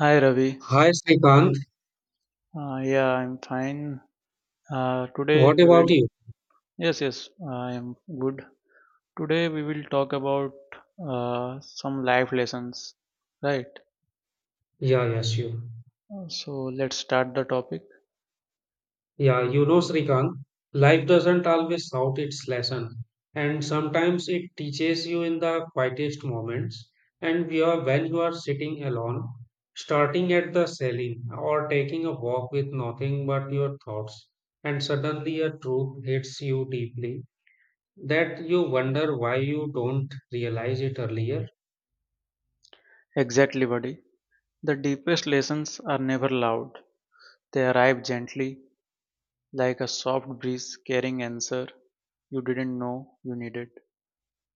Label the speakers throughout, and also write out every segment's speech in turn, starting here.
Speaker 1: Hi Ravi.
Speaker 2: Hi Srikant,
Speaker 1: Yeah, I'm fine. Today
Speaker 2: what
Speaker 1: we
Speaker 2: about
Speaker 1: will.
Speaker 2: you?
Speaker 1: Yes, yes, I am good. Today we will talk about some life lessons, right?
Speaker 2: Yeah, yes, you.
Speaker 1: So let's start the topic.
Speaker 2: Yeah, you know Srikant, life doesn't always shout its lesson, and sometimes it teaches you in the quietest moments. And we are when you are sitting alone, starting at the selling or taking a walk with nothing but your thoughts, and suddenly a truth hits you deeply that you wonder why you don't realize it earlier.
Speaker 1: Exactly, buddy. The deepest lessons are never loud. They arrive gently, like a soft breeze carrying answer you didn't know you needed.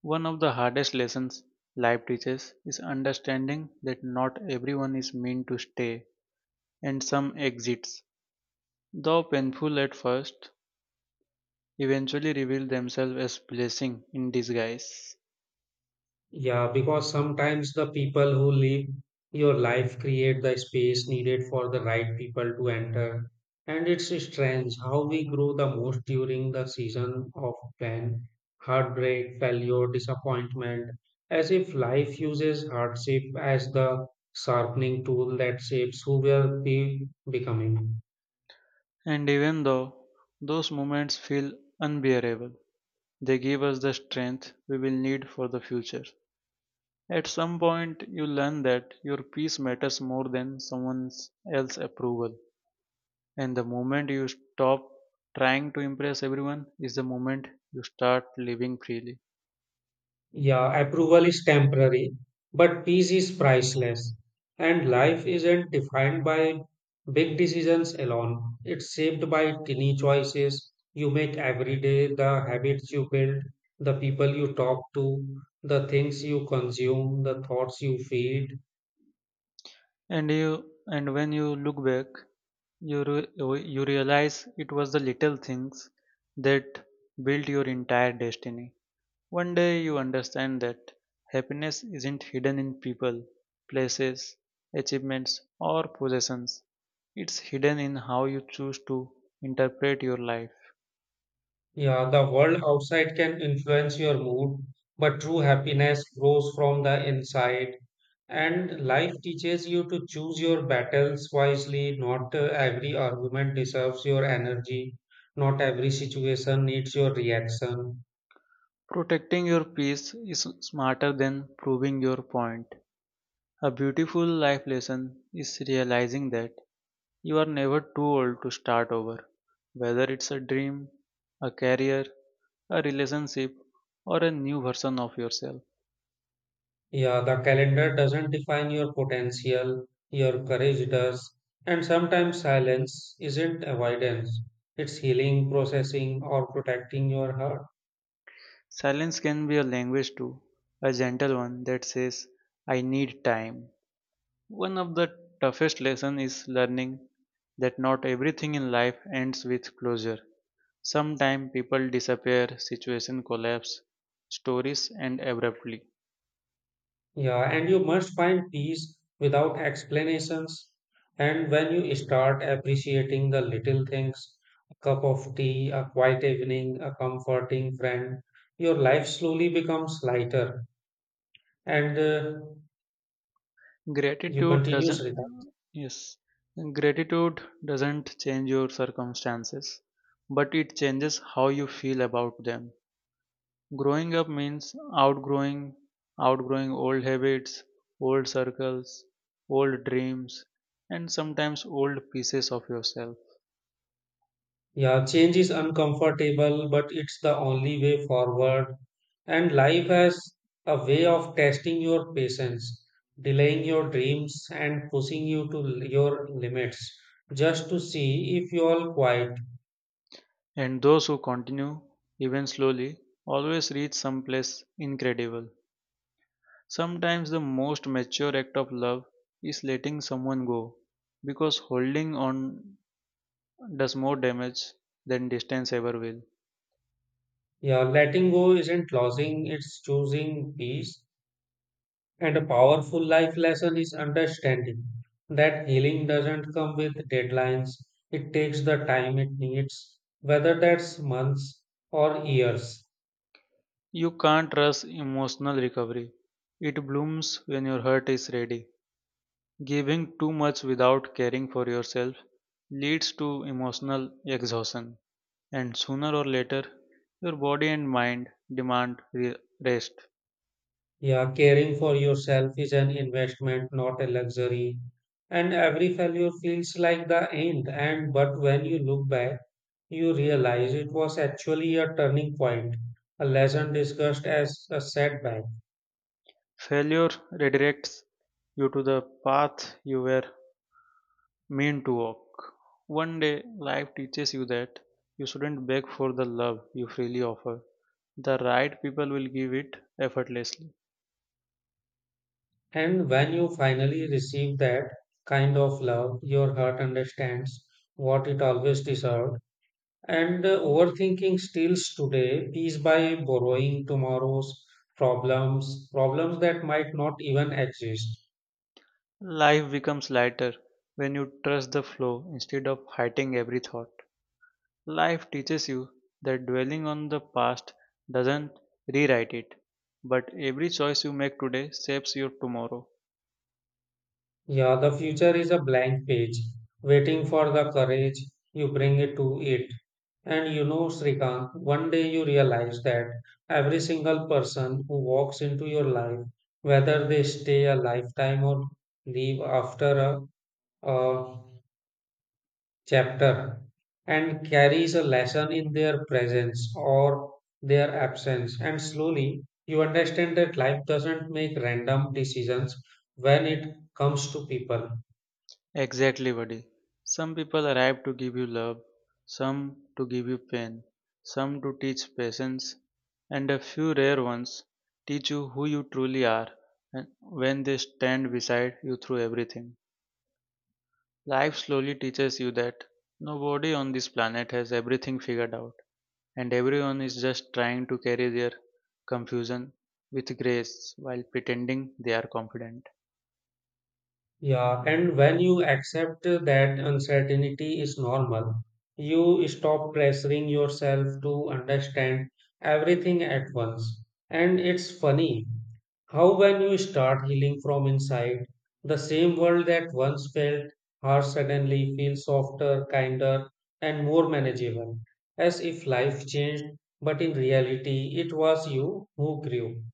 Speaker 1: One of the hardest lessons life teaches is understanding that not everyone is meant to stay and some exits, though painful at first, eventually reveal themselves as blessing in disguise.
Speaker 2: Yeah, because sometimes the people who live your life create the space needed for the right people to enter. And it's strange how we grow the most during the season of pain, heartbreak, failure, disappointment, as if life uses hardship as the sharpening tool that shapes who we are be becoming.
Speaker 1: And even though those moments feel unbearable, they give us the strength we will need for the future. At some point, you learn that your peace matters more than someone else's approval. And the moment you stop trying to impress everyone is the moment you start living freely.
Speaker 2: Yeah, approval is temporary, but peace is priceless. And life isn't defined by big decisions alone. It's shaped by tiny choices you make every day, the habits you build, the people you talk to, the things you consume, the thoughts you feed.
Speaker 1: And when you look back, you realize it was the little things that built your entire destiny. One day you understand that happiness isn't hidden in people, places, achievements, or possessions. It's hidden in how you choose to interpret your life.
Speaker 2: Yeah, the world outside can influence your mood, but true happiness grows from the inside. And life teaches you to choose your battles wisely. Not every argument deserves your energy. Not every situation needs your reaction.
Speaker 1: Protecting your peace is smarter than proving your point. A beautiful life lesson is realizing that you are never too old to start over. Whether it's a dream, a career, a relationship, or a new version of yourself.
Speaker 2: Yeah, the calendar doesn't define your potential, your courage does. And sometimes silence isn't avoidance, it's healing, processing, or protecting your heart.
Speaker 1: Silence can be a language too, a gentle one that says, I need time. One of the toughest lessons is learning that not everything in life ends with closure. Sometimes people disappear, situation collapse, stories end abruptly.
Speaker 2: Yeah, and you must find peace without explanations. And when you start appreciating the little things, a cup of tea, a quiet evening, a comforting friend, your life slowly becomes lighter and you
Speaker 1: Gratitude
Speaker 2: continue,
Speaker 1: doesn't,
Speaker 2: Srita.
Speaker 1: yes, gratitude doesn't change your circumstances, but it changes how you feel about them. Growing up means outgrowing old habits, old circles, old dreams, and sometimes old pieces of yourself.
Speaker 2: Yeah, change is uncomfortable, but it's the only way forward. And life has a way of testing your patience, delaying your dreams, and pushing you to your limits just to see if you are quiet.
Speaker 1: And those who continue, even slowly, always reach someplace incredible. Sometimes the most mature act of love is letting someone go because holding on does more damage than distance ever will.
Speaker 2: Yeah, letting go isn't losing, it's choosing peace. And a powerful life lesson is understanding that healing doesn't come with deadlines, it takes the time it needs, whether that's months or years.
Speaker 1: You can't rush emotional recovery. It blooms when your heart is ready. Giving too much without caring for yourself leads to emotional exhaustion, and sooner or later, your body and mind demand rest.
Speaker 2: Yeah, caring for yourself is an investment, not a luxury. And every failure feels like the end. And but when you look back, you realize it was actually a turning point, a lesson discussed as a setback.
Speaker 1: Failure redirects you to the path you were mean to walk. One day, life teaches you that you shouldn't beg for the love you freely offer. The right people will give it effortlessly.
Speaker 2: And when you finally receive that kind of love, your heart understands what it always deserved. And overthinking steals today peace by borrowing tomorrow's problems, problems that might not even exist.
Speaker 1: Life becomes lighter when you trust the flow instead of fighting every thought. Life teaches you that dwelling on the past doesn't rewrite it, but every choice you make today shapes your tomorrow.
Speaker 2: Yeah, the future is a blank page, waiting for the courage you bring it to it. And you know, Srikant, one day you realize that every single person who walks into your life, whether they stay a lifetime or leave after a chapter, and carries a lesson in their presence or their absence. And slowly you understand that life doesn't make random decisions when it comes to people.
Speaker 1: Exactly, buddy. Some people arrive to give you love, some to give you pain, some to teach patience, and a few rare ones teach you who you truly are and when they stand beside you through everything. Life slowly teaches you that nobody on this planet has everything figured out, and everyone is just trying to carry their confusion with grace while pretending they are confident.
Speaker 2: Yeah, and when you accept that uncertainty is normal, you stop pressuring yourself to understand everything at once. And it's funny how, when you start healing from inside, the same world that once felt harsh suddenly feels softer, kinder, and more manageable, as if life changed, but in reality, it was you who grew.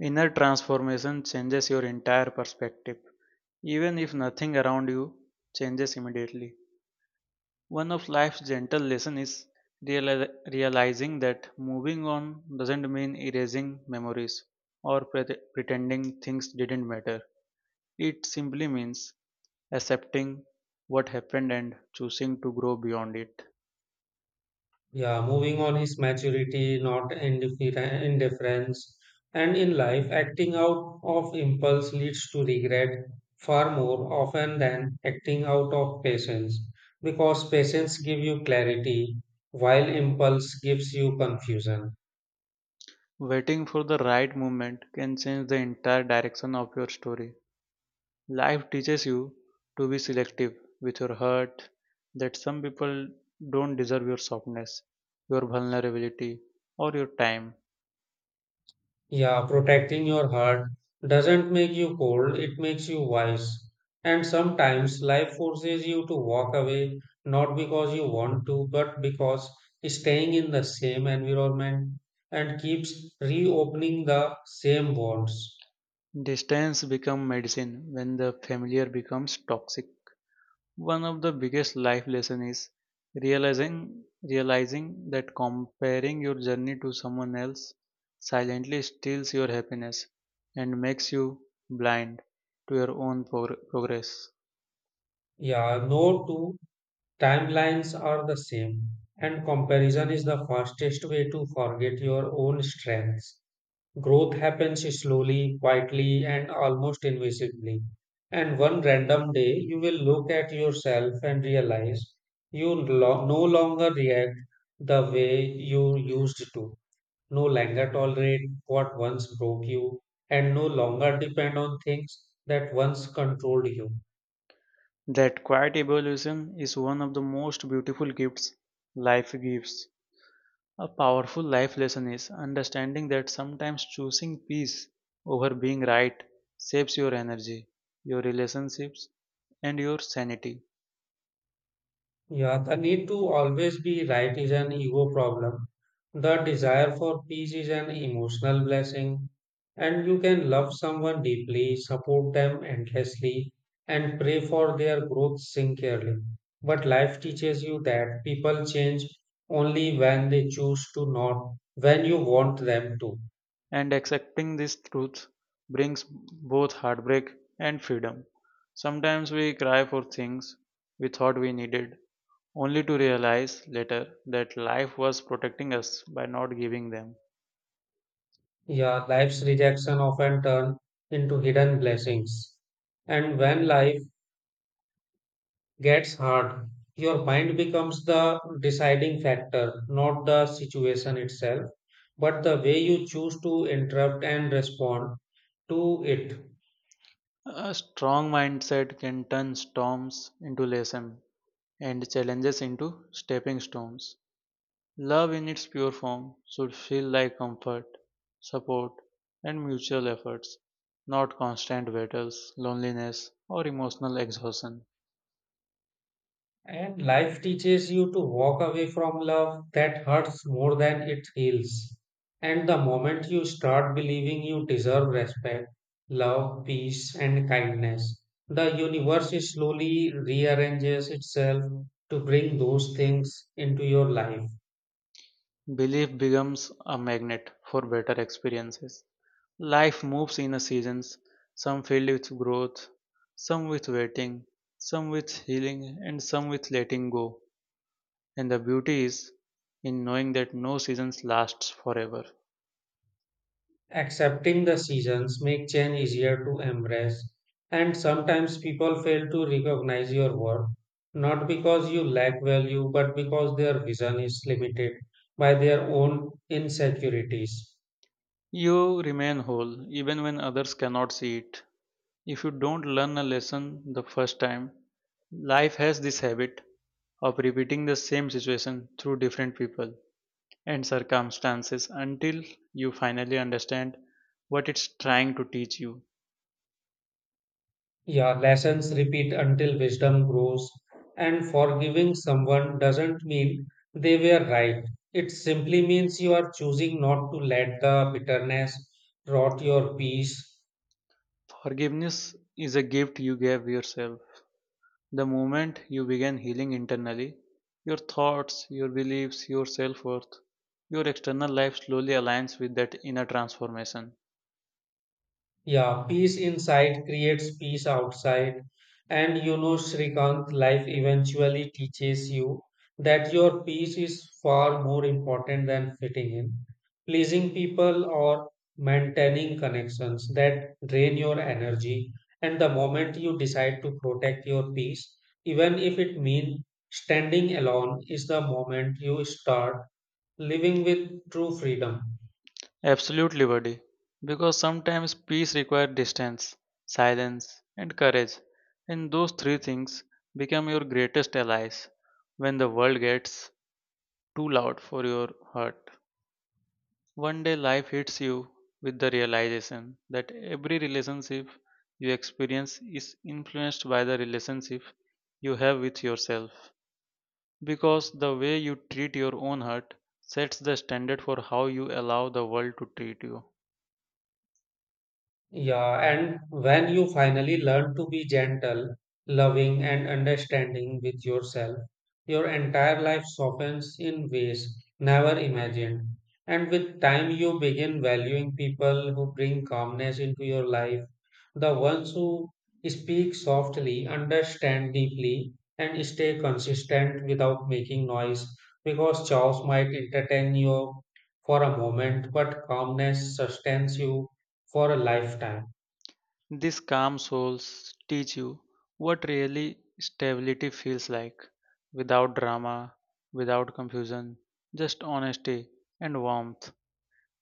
Speaker 1: Inner transformation changes your entire perspective. Even if nothing around you changes immediately, one of life's gentle lessons is realizing that moving on doesn't mean erasing memories or pretending things didn't matter. It simply means accepting what happened and choosing to grow beyond it.
Speaker 2: Yeah, moving on his maturity, not indifference. And in life, acting out of impulse leads to regret far more often than acting out of patience, because patience gives you clarity, while impulse gives you confusion.
Speaker 1: Waiting for the right moment can change the entire direction of your story. Life teaches you to be selective with your hurt, that some people don't deserve your softness, your vulnerability, or your time.
Speaker 2: Yeah, protecting your heart doesn't make you cold, it makes you wise. And sometimes life forces you to walk away, not because you want to, but because staying in the same environment and keeps reopening the same wounds.
Speaker 1: Distance becomes medicine when the familiar becomes toxic. One of the biggest life lessons is realizing that comparing your journey to someone else silently steals your happiness and makes you blind to your own progress.
Speaker 2: Yeah, no two timelines are the same, and comparison is the fastest way to forget your own strengths. Growth happens slowly, quietly, and almost invisibly. And one random day, you will look at yourself and realize you no longer react the way you used to, no longer tolerate what once broke you, and no longer depend on things that once controlled you.
Speaker 1: That quiet evolution is one of the most beautiful gifts life gives. A powerful life lesson is understanding that sometimes choosing peace over being right saves your energy, your relationships, and your sanity.
Speaker 2: Yeah, the need to always be right is an ego problem. The desire for peace is an emotional blessing, and you can love someone deeply, support them endlessly, and pray for their growth sincerely. But life teaches you that people change only when they choose to, not when you want them to.
Speaker 1: And accepting this truth brings both heartbreak and freedom. Sometimes we cry for things we thought we needed, only to realize later that life was protecting us by not giving them.
Speaker 2: Yeah, life's rejection often turn into hidden blessings. And when life gets hard, your mind becomes the deciding factor, not the situation itself, but the way you choose to interrupt and respond to it.
Speaker 1: A strong mindset can turn storms into lessons and challenges into stepping stones. Love in its pure form should feel like comfort, support, and mutual efforts, not constant battles, loneliness, or emotional exhaustion.
Speaker 2: And life teaches you to walk away from love that hurts more than it heals. And the moment you start believing you deserve respect, love, peace, and kindness, the universe is slowly rearranges itself to bring those things into your life.
Speaker 1: Belief becomes a magnet for better experiences. Life moves in a seasons, some filled with growth, some with waiting, some with healing, and some with letting go. And the beauty is in knowing that no season lasts forever.
Speaker 2: Accepting the seasons make change easier to embrace, and sometimes people fail to recognize your worth, not because you lack value, but because their vision is limited by their own insecurities.
Speaker 1: You remain whole even when others cannot see it. If you don't learn a lesson the first time, life has this habit of repeating the same situation through different people and circumstances until you finally understand what it's trying to teach you.
Speaker 2: Yeah, lessons repeat until wisdom grows, and forgiving someone doesn't mean they were right. It simply means you are choosing not to let the bitterness rot your peace.
Speaker 1: Forgiveness is a gift you gave yourself. The moment you begin healing internally, your thoughts, your beliefs, your self worth, your external life slowly aligns with that inner transformation.
Speaker 2: Yeah, peace inside creates peace outside. And you know, Srikant, life eventually teaches you that your peace is far more important than fitting in, pleasing people, or maintaining connections that drain your energy. And the moment you decide to protect your peace, even if it means standing alone, is the moment you start living with true freedom.
Speaker 1: Absolutely, buddy. Because sometimes peace requires distance, silence, and courage, and those three things become your greatest allies when the world gets too loud for your heart. One day life hits you with the realization that every relationship you experience is influenced by the relationship you have with yourself. Because the way you treat your own heart sets the standard for how you allow the world to treat you.
Speaker 2: Yeah, and when you finally learn to be gentle, loving, and understanding with yourself, your entire life softens in ways never imagined. And with time, you begin valuing people who bring calmness into your life, the ones who speak softly, understand deeply, and stay consistent without making noise. Because chaos might entertain you for a moment, but calmness sustains you for a lifetime.
Speaker 1: These calm souls teach you what really stability feels like without drama, without confusion, just honesty and warmth.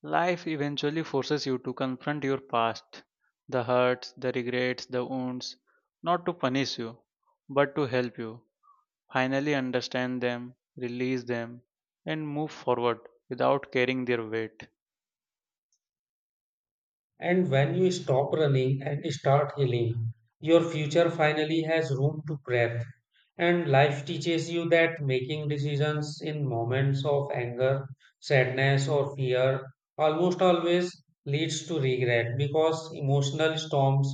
Speaker 1: Life eventually forces you to confront your past, the hurts, the regrets, the wounds, not to punish you, but to help you finally understand them, release them, and move forward without carrying their weight.
Speaker 2: And when you stop running and start healing, your future finally has room to breathe. And life teaches you that making decisions in moments of anger, sadness, or fear almost always leads to regret because emotional storms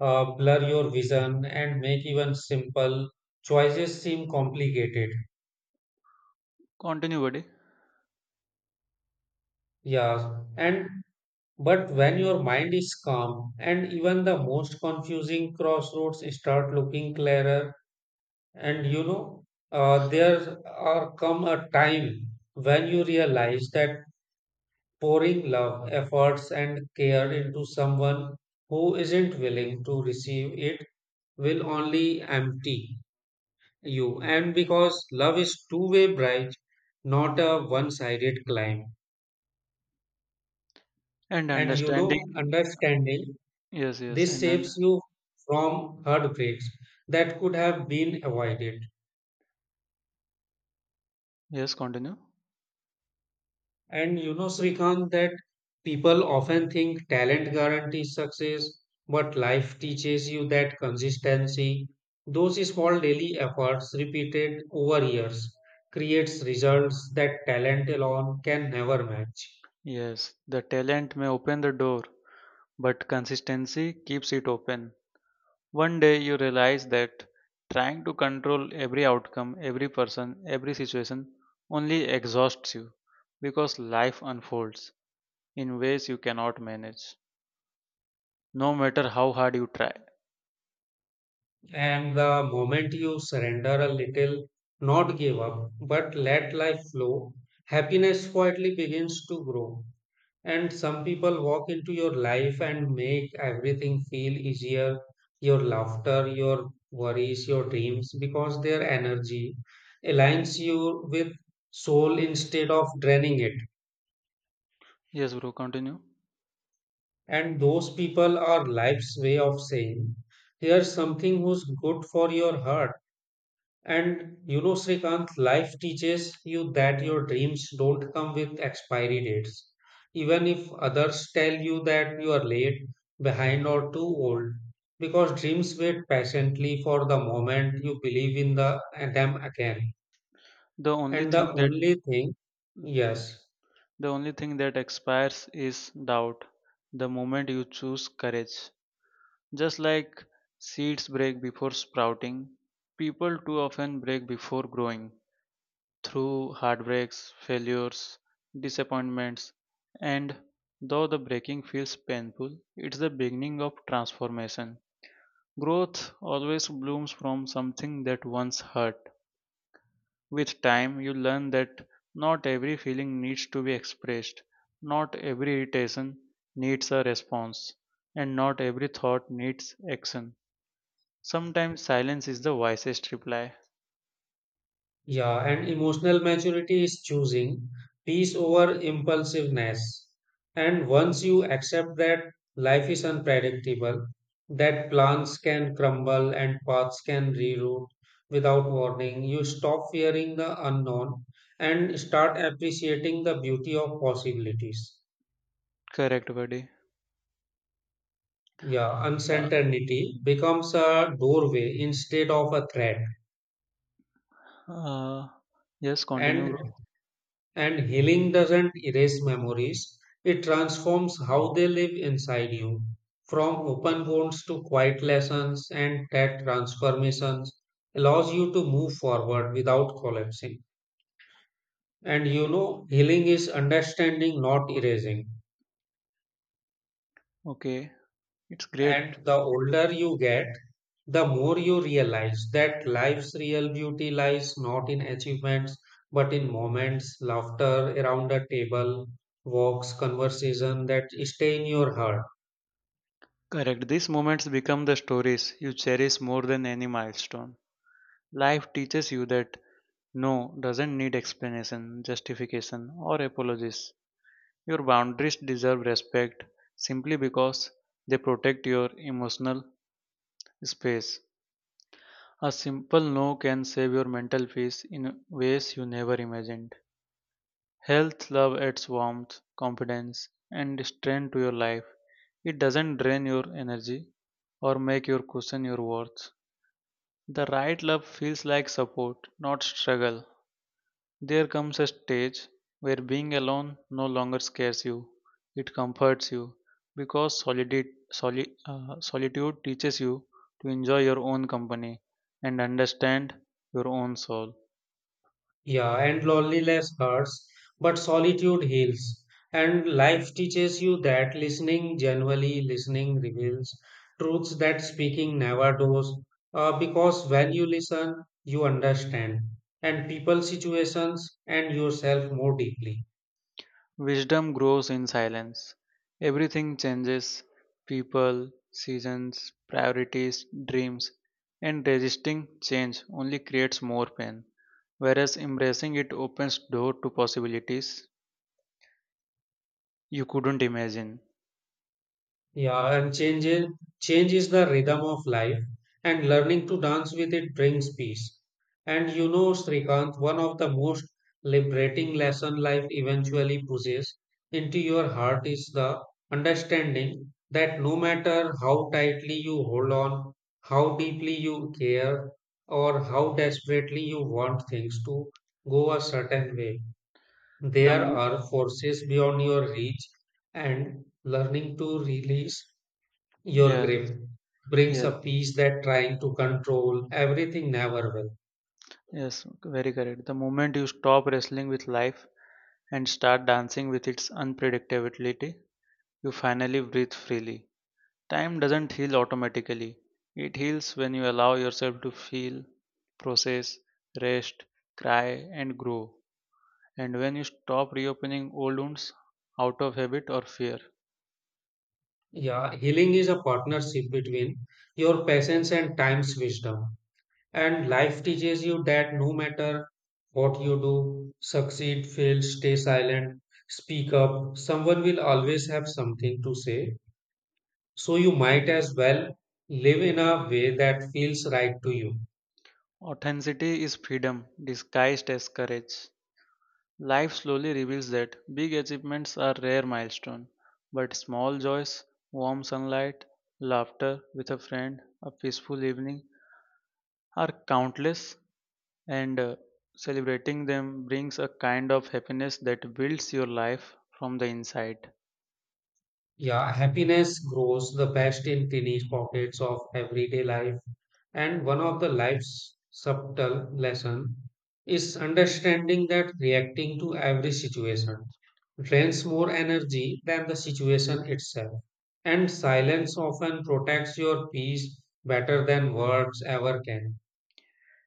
Speaker 2: blur your vision and make even simple choices seem complicated.
Speaker 1: Continue, buddy.
Speaker 2: Yeah, and But when your mind is calm, and even the most confusing crossroads start looking clearer, and you know, there are come a time when you realize that pouring love, efforts, and care into someone who isn't willing to receive it will only empty you. And because love is two-way bridge, not a one-sided climb.
Speaker 1: And
Speaker 2: And you
Speaker 1: understanding,
Speaker 2: know, understanding
Speaker 1: yes, yes,
Speaker 2: This
Speaker 1: and then,
Speaker 2: saves you from heartbreaks that could have been avoided.
Speaker 1: yes, continue.
Speaker 2: And you know, Srikanth, that people often think talent guarantees success, but life teaches you that consistency, those small daily efforts repeated over years, creates results that talent alone can never match.
Speaker 1: Yes, the talent may open the door, but consistency keeps it open. One day you realize that trying to control every outcome, every person, every situation only exhausts you because life unfolds in ways you cannot manage, no matter how hard you try.
Speaker 2: And the moment you surrender a little, not give up, but let life flow, happiness quietly begins to grow. And some people walk into your life and make everything feel easier your laughter, your worries, your dreams because their energy aligns you with soul instead of draining it.
Speaker 1: Yes, bro, continue.
Speaker 2: And those people are life's way of saying, here's something who's good for your heart. And you know, Srikanth, life teaches you that your dreams don't come with expiry dates. Even if others tell you that you are late, behind, or too old, because dreams wait patiently for the moment you believe in the, them again.
Speaker 1: The only
Speaker 2: And
Speaker 1: thing
Speaker 2: the
Speaker 1: that
Speaker 2: only thing, yes,
Speaker 1: the only thing that expires is doubt. The moment you choose courage, just like seeds break before sprouting, people too often break before growing. Through heartbreaks, failures, disappointments, and though the breaking feels painful, it's the beginning of transformation. Growth always blooms from something that once hurt. With time, you learn that not every feeling needs to be expressed, not every irritation needs a response, and not every thought needs action. Sometimes silence is the wisest reply.
Speaker 2: Yeah, and emotional maturity is choosing peace over impulsiveness. And once you accept that life is unpredictable, that plans can crumble and paths can reroute without warning, you stop fearing the unknown and start appreciating the beauty of possibilities.
Speaker 1: Correct, buddy.
Speaker 2: Yeah,
Speaker 1: Uh,
Speaker 2: uncertainty becomes a doorway instead of a threat.
Speaker 1: uh, yes, continue,
Speaker 2: And
Speaker 1: bro.
Speaker 2: And healing doesn't erase memories, it transforms how they live inside you. From open wounds to quiet lessons, and that transformations allows you to move forward without collapsing. And you know, healing is understanding, not erasing.
Speaker 1: Okay, it's great.
Speaker 2: And the older you get, the more you realize that life's real beauty lies not in achievements, but in moments, laughter around a table, walks, conversation that stay in your heart.
Speaker 1: Correct. These moments become the stories you cherish more than any milestone. Life teaches you that no doesn't need explanation, justification, or apologies. Your boundaries deserve respect simply because they protect your emotional space. A simple no can save your mental peace in ways you never imagined. Health love adds warmth, confidence, and strength to your life. It doesn't drain your energy or make you question your worth. The right love feels like support, not struggle. There comes a stage where being alone no longer scares you, it comforts you because solitude teaches you to enjoy your own company and understand your own soul.
Speaker 2: Yeah, and loneliness hurts, but solitude heals. And life teaches you that listening, genuinely listening, reveals truths that speaking never does. Because when you listen, you understand, and people's situations and yourself more deeply.
Speaker 1: Wisdom grows in silence. Everything changes people, seasons, priorities, dreams, and resisting change only creates more pain, whereas embracing it opens door to possibilities you couldn't imagine.
Speaker 2: Yeah, and change is the rhythm of life, and learning to dance with it brings peace. And you know, Srikant, one of the most liberating lesson life eventually pushes into your heart is the understanding that no matter how tightly you hold on, how deeply you care, or how desperately you want things to go a certain way,
Speaker 1: The
Speaker 2: there
Speaker 1: mo-
Speaker 2: are forces beyond your reach, and learning to release your
Speaker 1: yes,
Speaker 2: grip brings
Speaker 1: yes,
Speaker 2: a peace that trying to control everything never will.
Speaker 1: yes, very correct. The moment you stop wrestling with life and start dancing with its unpredictability, you finally breathe freely. Time doesn't heal automatically. It heals when you allow yourself to feel, process, rest, cry, and grow. And when you stop reopening old wounds out of habit or fear.
Speaker 2: Yeah, healing is a partnership between your patience and time's wisdom. And life teaches you that no matter what you do, succeed, fail, stay silent, speak up, someone will always have something to say. So you might as well live in a way that feels right to you.
Speaker 1: Authenticity is freedom disguised as courage. Life slowly reveals that big achievements are rare milestones, but small joys, warm sunlight, laughter with a friend, a peaceful evening are countless, and celebrating them brings a kind of happiness that builds your life from the inside.
Speaker 2: Yeah, happiness grows the best in tiny pockets of everyday life. And one of the life's subtle lesson is understanding that reacting to every situation drains more energy than the situation itself. And silence often protects your peace better than words ever can.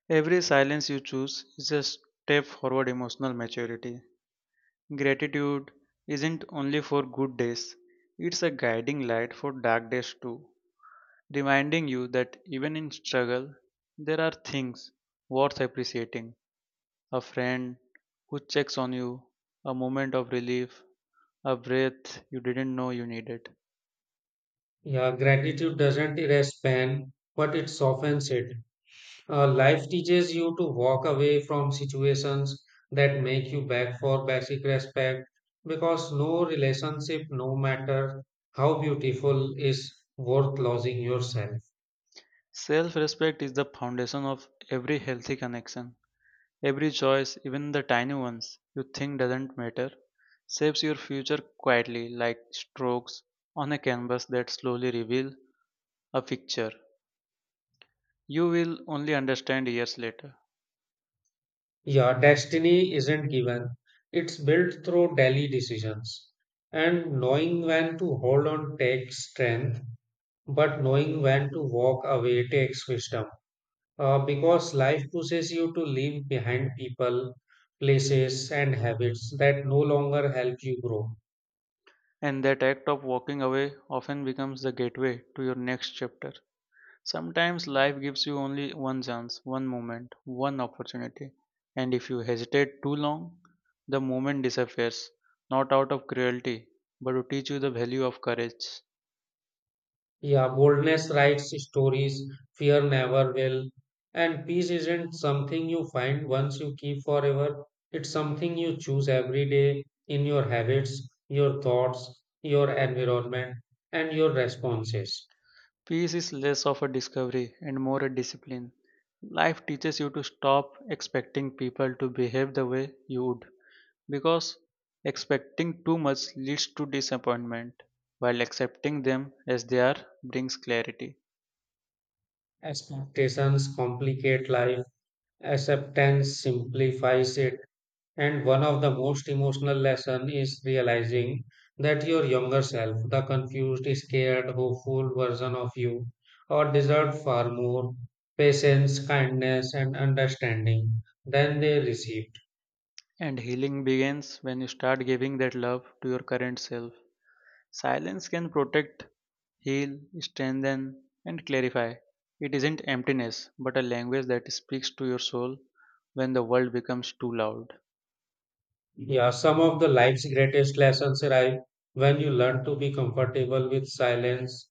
Speaker 1: Every silence you choose is a step forward emotional maturity. Gratitude isn't only for good days, it's a guiding light for dark days too, reminding you that even in struggle, there are things worth appreciating. A friend who checks on you, a moment of relief, a breath you didn't know you needed.
Speaker 2: Yeah, gratitude doesn't erase pain, but it softens it. Life teaches you to walk away from situations that make you beg for basic respect because no relationship, no matter how beautiful, is worth losing yourself.
Speaker 1: Self respect is the foundation of every healthy connection. Every choice, even the tiny ones you think doesn't matter, shapes your future quietly like strokes on a canvas that slowly reveal a picture you will only understand years later.
Speaker 2: Yeah, destiny isn't given, it's built through daily decisions. And knowing when to hold on takes strength, but knowing when to walk away takes wisdom. Because life pushes you to leave behind people, places, and habits that no longer help you grow.
Speaker 1: And that act of walking away often becomes the gateway to your next chapter. Sometimes life gives you only one chance, one moment, one opportunity, and if you hesitate too long, the moment disappears, not out of cruelty, but to teach you the value of courage.
Speaker 2: Yeah, boldness writes stories, fear never will. And peace isn't something you find once you keep forever, it's something you choose every day in your habits, your thoughts, your environment, and your responses.
Speaker 1: Peace is less of a discovery and more a discipline. Life teaches you to stop expecting people to behave the way you would, because expecting too much leads to disappointment, while accepting them as they are brings clarity.
Speaker 2: Expectations complicate life, acceptance simplifies it. And one of the most emotional lesson is realizing that your younger self, the confused, scared, hopeful version of you, or deserved far more patience, kindness, and understanding than they receive.
Speaker 1: And healing begins when you start giving that love to your current self. Silence can protect, heal, strengthen, and clarify. It isn't emptiness, but a language that speaks to your soul when the world becomes too loud.
Speaker 2: Yeah, some of the life's greatest lessons arrive when you learn to be comfortable with silence.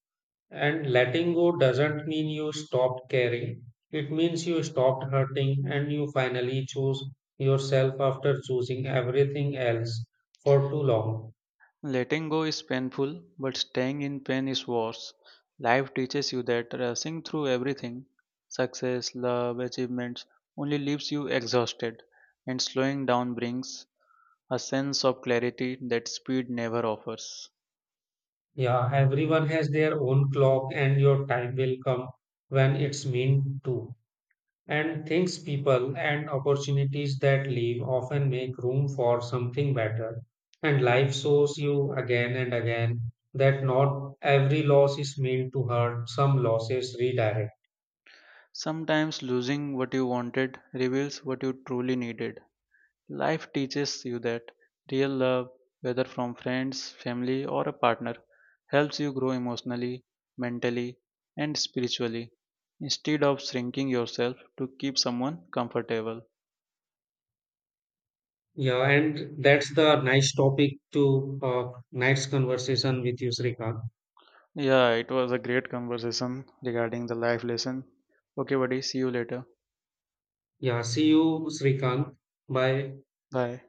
Speaker 2: And letting go doesn't mean you stopped caring. It means you stopped hurting and you finally choose yourself after choosing everything else for too long.
Speaker 1: Letting go is painful, but staying in pain is worse. Life teaches you that rushing through everything success, love, achievements only leaves you exhausted, and slowing down brings a sense of clarity that speed never offers.
Speaker 2: Yeah, everyone has their own clock and your time will come when it's meant to. And things, people, and opportunities that leave often make room for something better. And life shows you again and again that not every loss is meant to hurt, some losses redirect.
Speaker 1: Sometimes losing what you wanted reveals what you truly needed. Life teaches you that real love, whether from friends, family, or a partner, helps you grow emotionally, mentally, and spiritually instead of shrinking yourself to keep someone comfortable.
Speaker 2: Yeah, and that's the nice topic to night's conversation with you, Srikant.
Speaker 1: Yeah, it was a great conversation regarding the life lesson. Okay, buddy, see you later.
Speaker 2: Yeah, see you, Srikant. Bye.
Speaker 1: Bye.